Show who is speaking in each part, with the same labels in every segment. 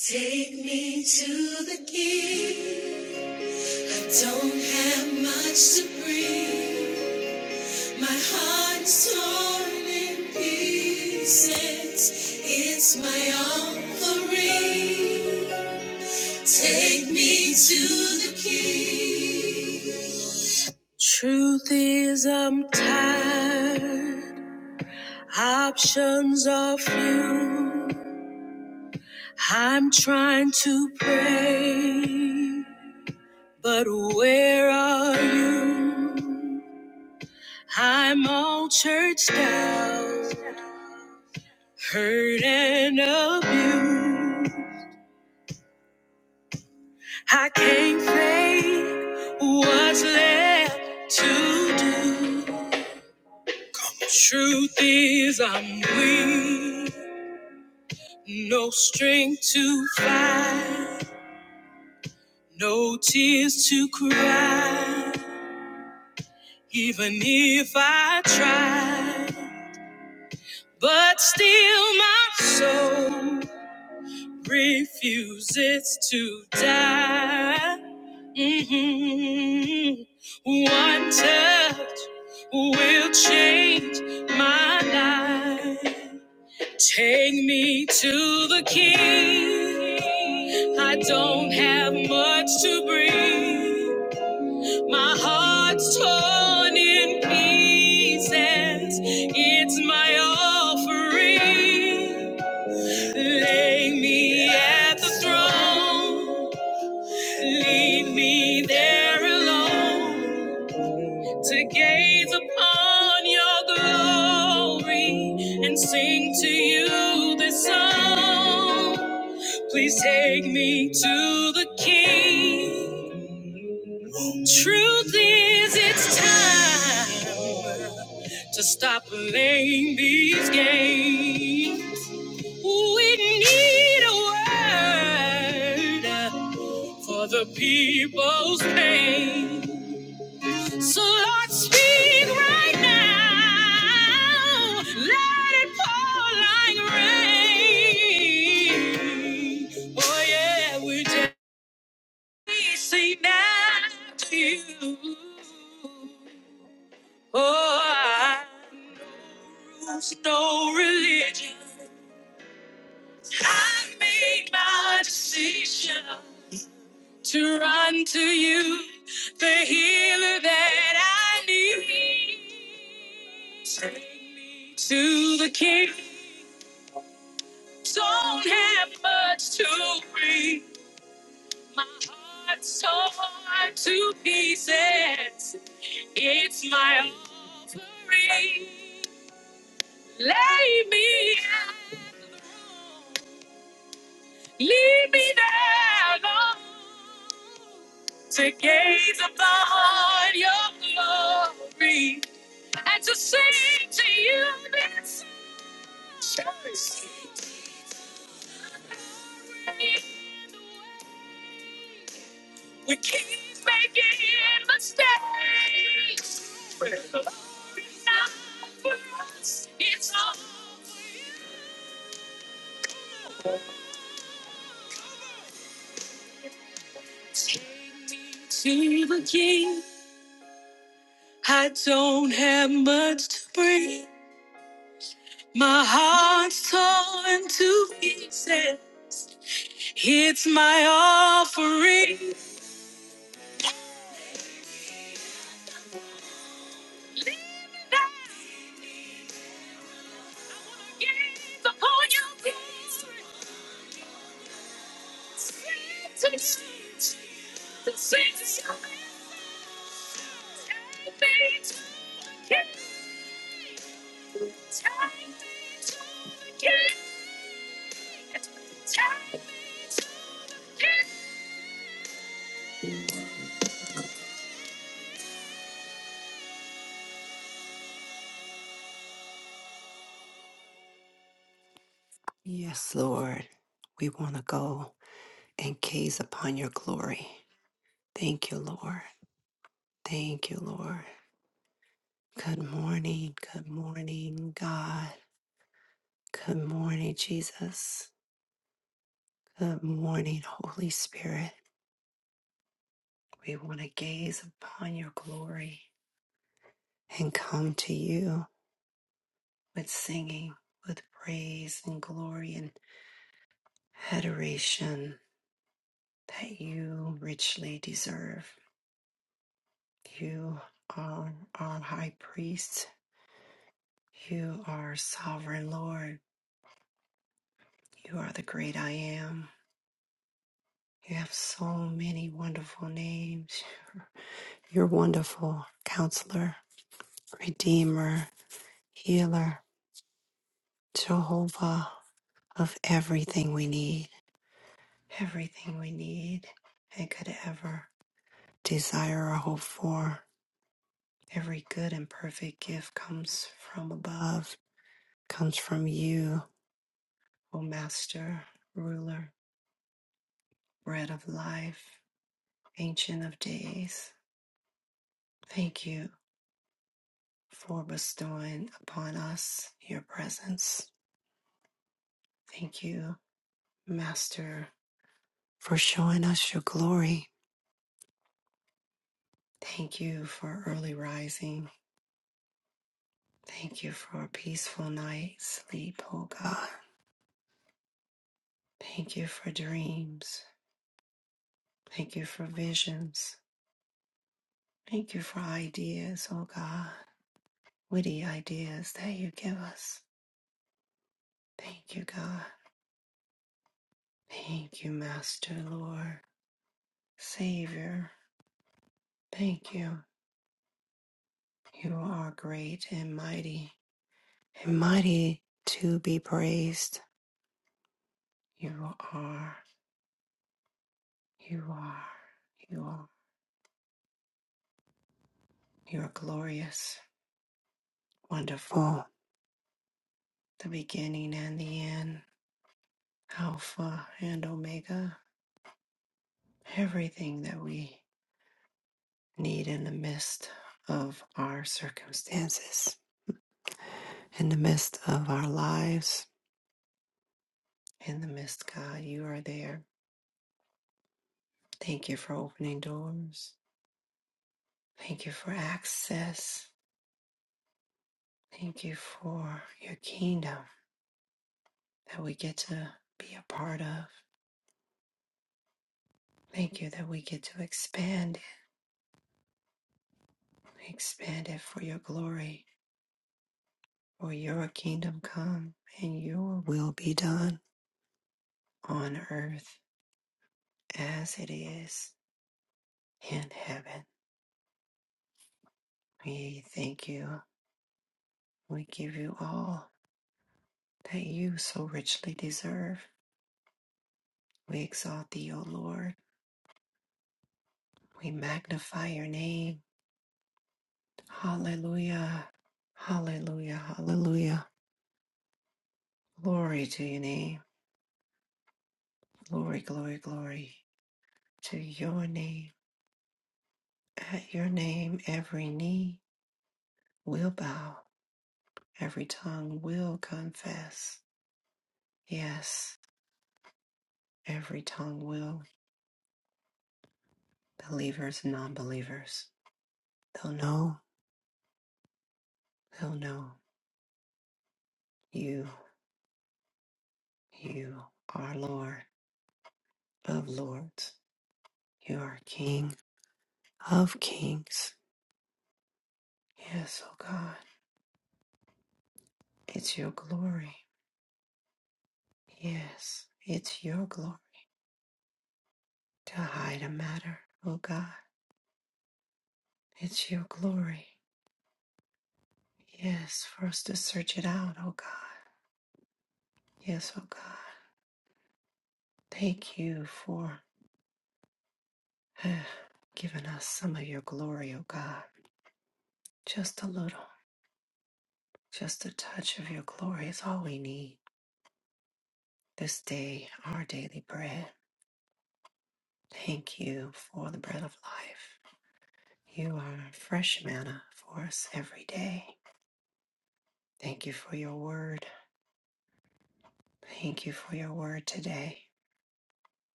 Speaker 1: Take me to the king. Don't have much to bring. My heart's torn in pieces. It's my offering. Take me to the king. Truth is, I'm tired. Options are few. I'm trying to pray. But where are you? I'm all churched out, hurt and abused. I can't fake what's left to do. Truth is, I'm weak, no strength to fight, no tears to cry, even if I try. But still, my soul. refuses to die. Mhm. One touch will change my life. Take me to the King. I don't have much to bring. My heart's torn in pieces. It's my offering. Lay me at the throne, leave me there alone to gaze upon your glory and sing to you this song. Please take me to the King. Truth is, it's time to stop playing these games. We need a word for the people's pain. So Lord, speak right now. Let it pour like rain. Oh yeah, we just we say now to you. Oh, I know rules, no religion. I made my decision to run to you, the healer that I need. Take me to the king. Don't have much to bring. My heart's torn to pieces. It's my offering. Lay me out. Leave me there alone. to gaze upon your glory and to sing to you this song, we keep making mistakes but it's not for us it's all for you. take me to the king i don't have much to bring my heart's torn to pieces It's my offering. Leave it at the upon your peace. Send to change. The saints of your time fades. Time fades. Time fades.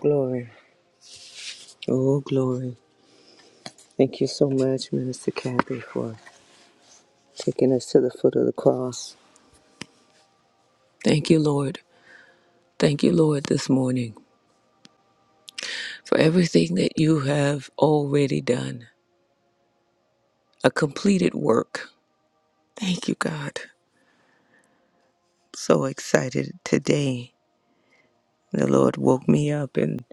Speaker 2: Glory. Oh, glory. Thank you so much, Minister Kathy, for taking us to the foot of the cross. Thank you, Lord. Thank you, Lord, this morning for everything that you have already done, a completed work. Thank you, God. So excited today. The Lord woke me up, and,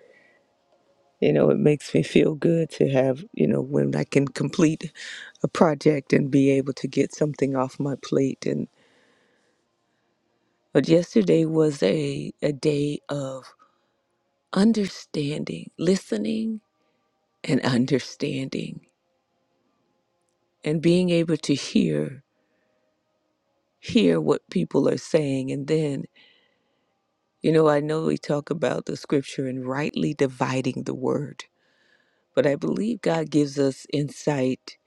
Speaker 2: you know, it makes me feel good to have, you know, when I can complete a project and be able to get something off my plate. And but yesterday was a, a day of understanding, listening and understanding and being able to hear hear what people are saying and then you know I know we talk about the scripture and rightly dividing the word but I believe God gives us insight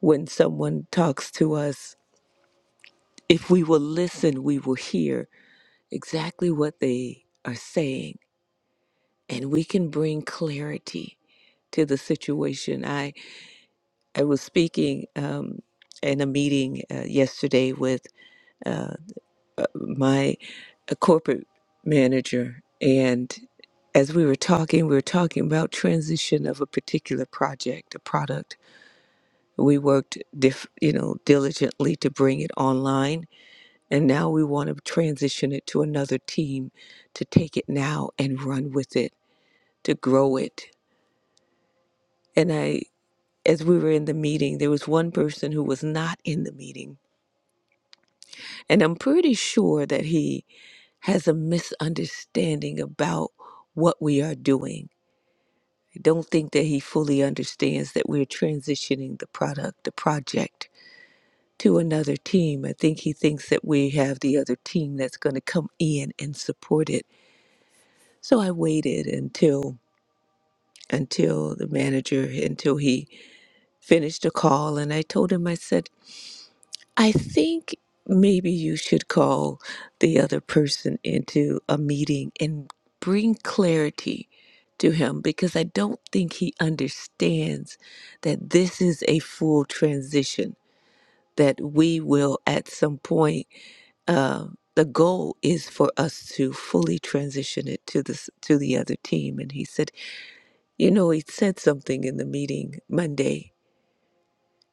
Speaker 2: when someone talks to us if we will listen we will hear exactly what they are saying and we can bring clarity to the situation I was speaking um, in a meeting uh, yesterday with uh, uh, my uh, corporate manager, and as we were talking, we were talking about transition of a particular project, a product. We worked, diff- you know, diligently to bring it online, and now we want to transition it to another team to take it now and run with it, to grow it. And I, as we were in the meeting, there was one person who was not in the meeting And I'm pretty sure that he has a misunderstanding about what we are doing. I don't think that he fully understands that we're transitioning the product, the project to another team. I think he thinks that we have the other team that's going to come in and support it. So I waited until until the manager until he finished the call and I told him I said I think maybe you should call the other person into a meeting and bring clarity to him because I don't think he understands that this is a full transition, that we will at some point. Uh, the goal is for us to fully transition it to this to the other team and he said you know he said something in the meeting monday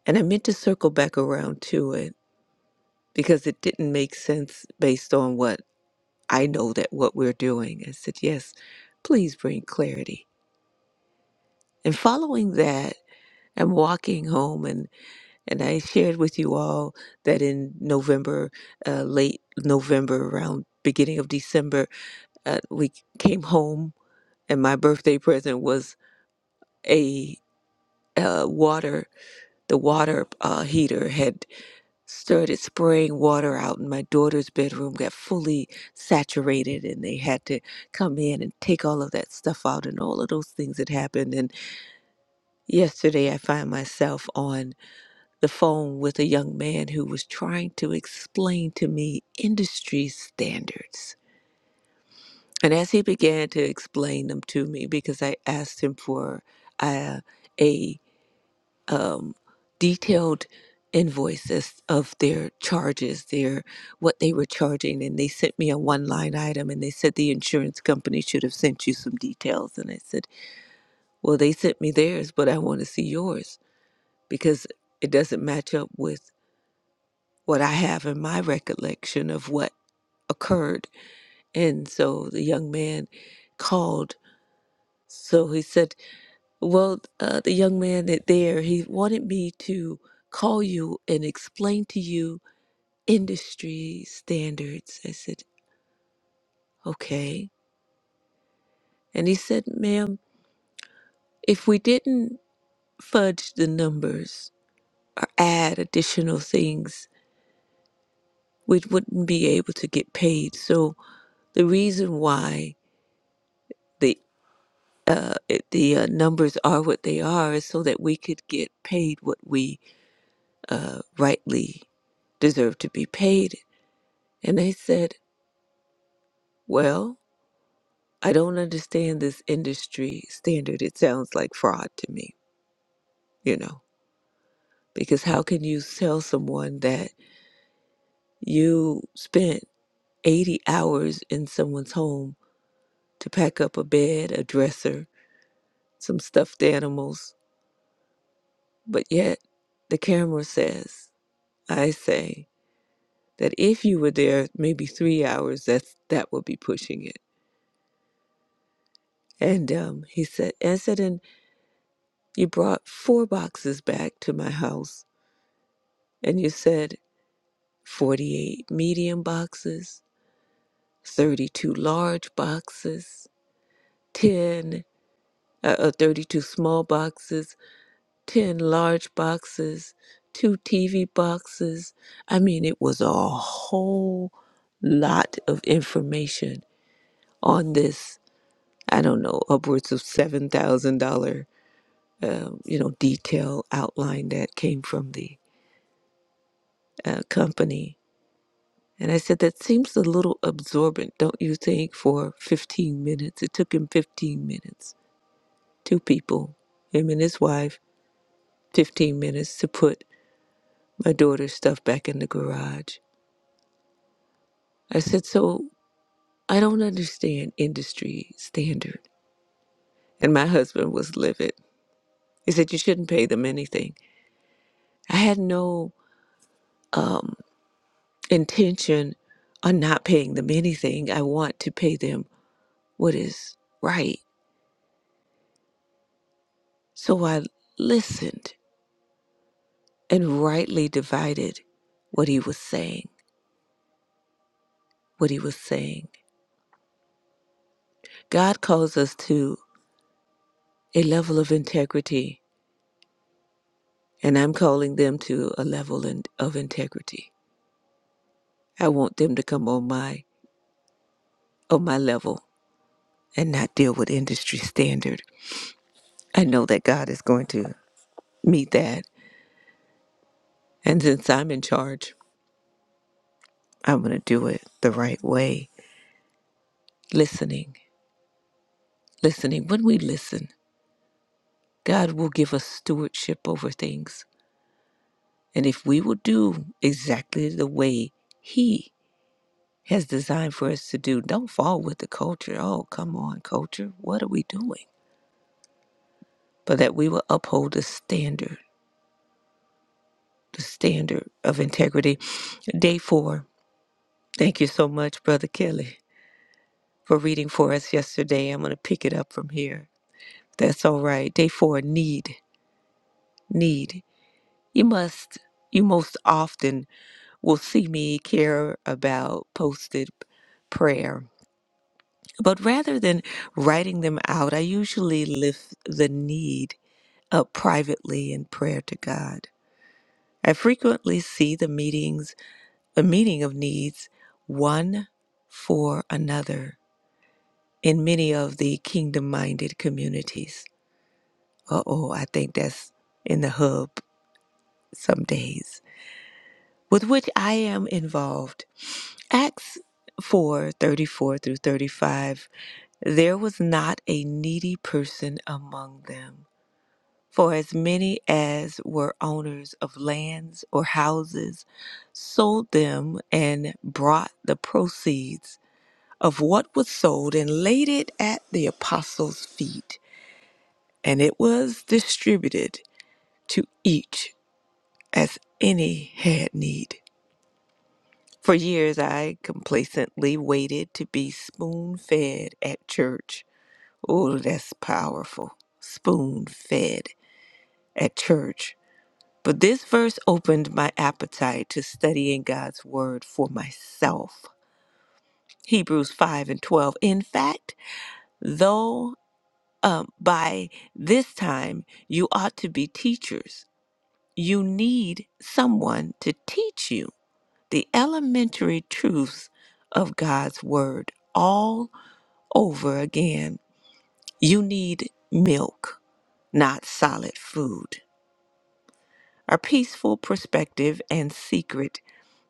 Speaker 2: and i meant to circle back around to it because it didn't make sense based on what I know that what we're doing. I said, yes, please bring clarity. And following that, I'm walking home, and, and I shared with you all that in November, uh, late November, around beginning of December, uh, we came home, and my birthday present was a uh, water. The water uh, heater had started spraying water out and my daughter's bedroom got fully saturated and they had to come in and take all of that stuff out and all of those things that happened and yesterday i find myself on the phone with a young man who was trying to explain to me industry standards and as he began to explain them to me because i asked him for uh, a um, detailed invoices of their charges, their what they were charging, and they sent me a one line item, and they said the insurance company should have sent you some details, and I said, well, they sent me theirs, but I want to see yours because it doesn't match up with what I have in my recollection of what occurred, and so the young man called. So he said, well, uh, the young man that there, he wanted me to call you and explain to you industry standards. I said, okay. And he said, ma'am, if we didn't fudge the numbers or add additional things, we wouldn't be able to get paid. So the reason why the uh, it- the uh, numbers are what they are is so that we could get paid what we uh, rightly deserve to be paid. And I said, well, I don't understand this industry standard. It sounds like fraud to me, you know. Because how can you tell someone that you spent 80 hours in someone's home to pack up a bed, a dresser, some stuffed animals, but yet the camera says, I say, that if you were there maybe three hours, that's, that would be pushing it. And um, he said, and said, and you brought four boxes back to my house, and you said 48 medium boxes, 32 large boxes, 10 uh, uh, 32 small boxes, 10 large boxes, two TV boxes. I mean, it was a whole lot of information on this, I don't know, upwards of $7,000, um, you know, detail outline that came from the uh, company. And I said, that seems a little absorbent, don't you think, for 15 minutes? It took him 15 minutes, two people, him and his wife, 15 minutes to put my daughter's stuff back in the garage. I said, So I don't understand industry standard. And my husband was livid. He said, You shouldn't pay them anything. I had no um, intention on not paying them anything. I want to pay them what is right. So I listened and rightly divided what he was saying. What he was saying. God calls us to a level of integrity and I'm calling them to a level in, of integrity. I want them to come on my on my level and not deal with industry standard. I know that God is going to meet that, and since I'm in charge, I'm going to do it the right way. Listening, listening. When we listen, God will give us stewardship over things, and if we will do exactly the way He has designed for us to do, don't fall with the culture. Oh, come on, culture. What are we doing? but that we will uphold the standard, the standard of integrity. Day four. Thank you so much, Brother Kelly, for reading for us yesterday. I'm going to pick it up from here. That's all right. Day four need, need. You must, you most often will see me care about posted prayer. But rather than writing them out, I usually lift the need up privately in prayer to God. I frequently see the meetings a meeting of needs one for another in many of the kingdom minded communities. Uh oh, I think that's in the hub some days, with which I am involved. Acts 4 34 through 35 There was not a needy person among them. For as many as were owners of lands or houses sold them and brought the proceeds of what was sold and laid it at the apostles' feet, and it was distributed to each as any had need. For years I complacently waited to be spoon fed at church. Oh, that's powerful. Spoon fed at church. But this verse opened my appetite to studying God's word for myself. Hebrews 5 and 12. In fact, though um, by this time, you ought to be teachers. You need someone to teach you the elementary truths of God's word all over again. You need milk, not solid food. A peaceful perspective and secret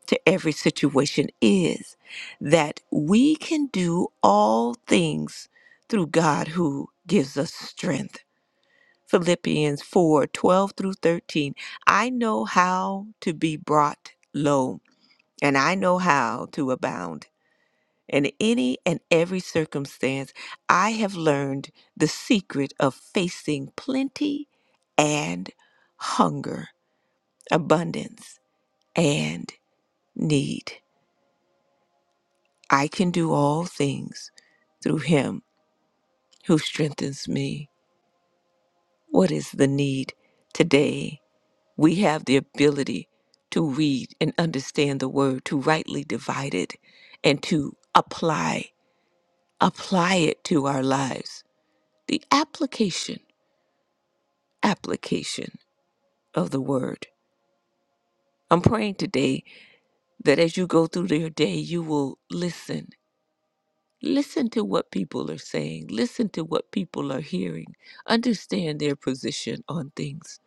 Speaker 2: to every situation is that we can do all things through God who gives us strength. Philippians 4:12 through 13. I know how to be brought low, and I know how to abound. In any and every circumstance, I have learned the secret of facing plenty and hunger, abundance and need. I can do all things through Him who strengthens me. What is the need today? We have the ability to read and understand the word, to rightly divide it, and to apply, apply it to our lives. The application, application of the word. I'm praying today that as you go through your day, you will listen. Listen to what people are saying. Listen to what people are hearing. Understand their position on things.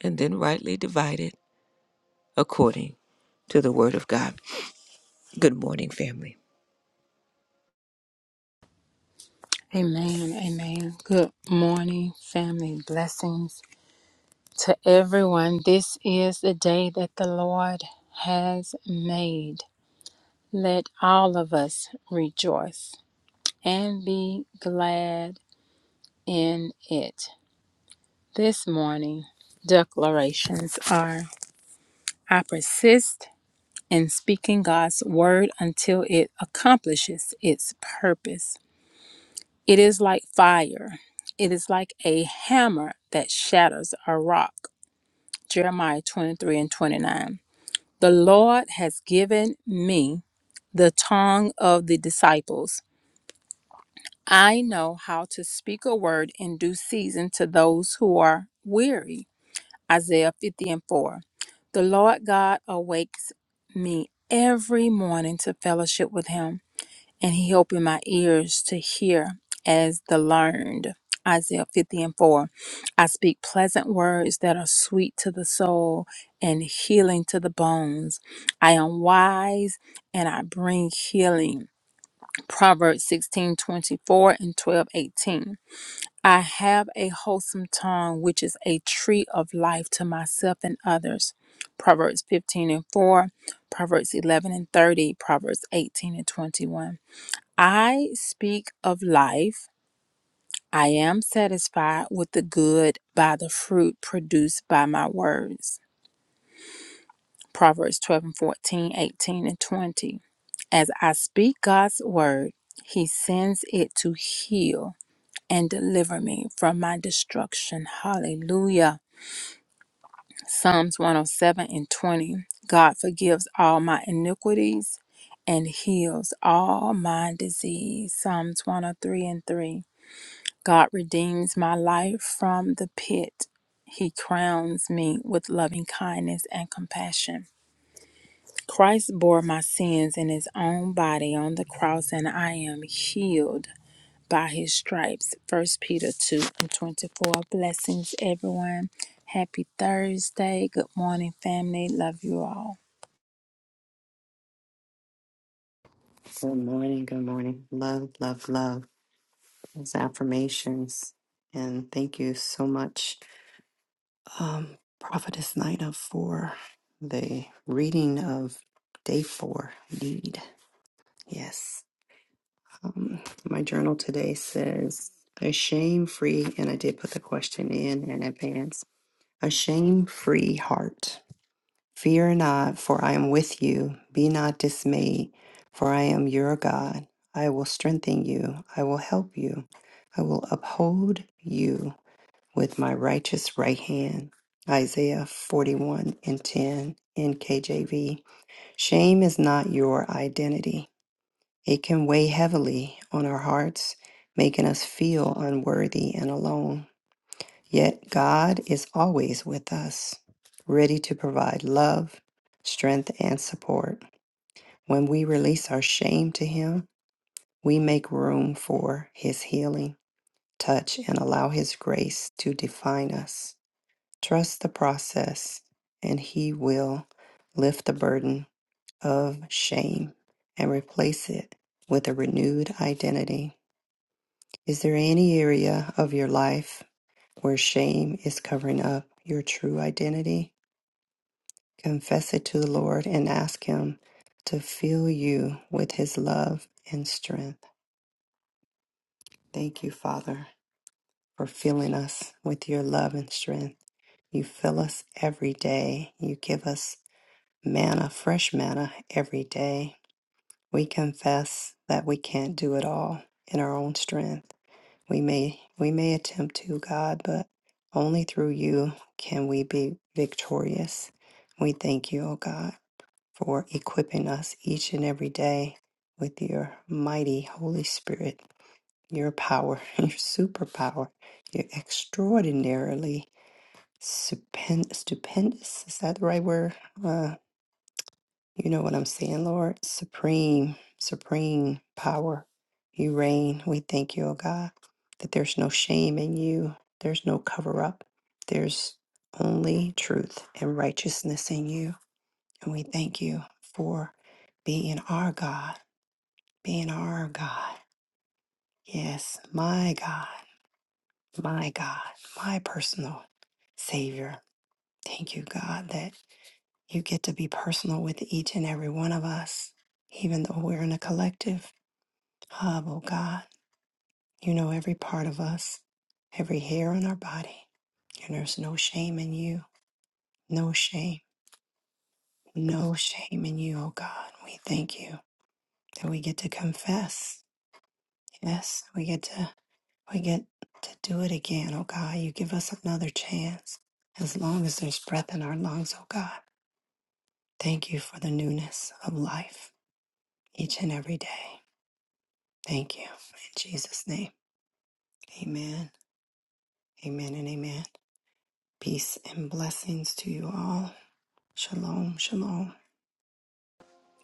Speaker 2: And then rightly divide it according to the word of God. Good morning, family.
Speaker 3: Amen. Amen. Good morning, family. Blessings to everyone. This is the day that the Lord has made. Let all of us rejoice and be glad in it. This morning, declarations are I persist in speaking God's word until it accomplishes its purpose. It is like fire. It is like a hammer that shatters a rock. Jeremiah 23 and 29. The Lord has given me the tongue of the disciples. I know how to speak a word in due season to those who are weary. Isaiah 50 and 4. The Lord God awakes me every morning to fellowship with him and he opened my ears to hear as the learned. Isaiah 50 and 4. I speak pleasant words that are sweet to the soul and healing to the bones. I am wise and I bring healing. Proverbs 16 24 and 12 18. I have a wholesome tongue, which is a tree of life to myself and others. Proverbs 15 and 4. Proverbs 11 and 30. Proverbs 18 and 21. I speak of life. I am satisfied with the good by the fruit produced by my words. Proverbs 12 and 14, 18 and 20. As I speak God's word, he sends it to heal and deliver me from my destruction. Hallelujah. Psalms 107 and 20. God forgives all my iniquities and heals all my disease. Psalms 103 and 3. God redeems my life from the pit. He crowns me with loving kindness and compassion. Christ bore my sins in his own body on the cross, and I am healed by his stripes. First Peter 2 and 24. Blessings, everyone. Happy Thursday. Good morning, family. Love you all.
Speaker 1: Good morning. Good morning. Love, love.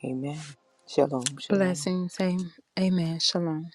Speaker 2: Amen. Shalom, shalom.
Speaker 3: Blessings. Am- Amen. Shalom.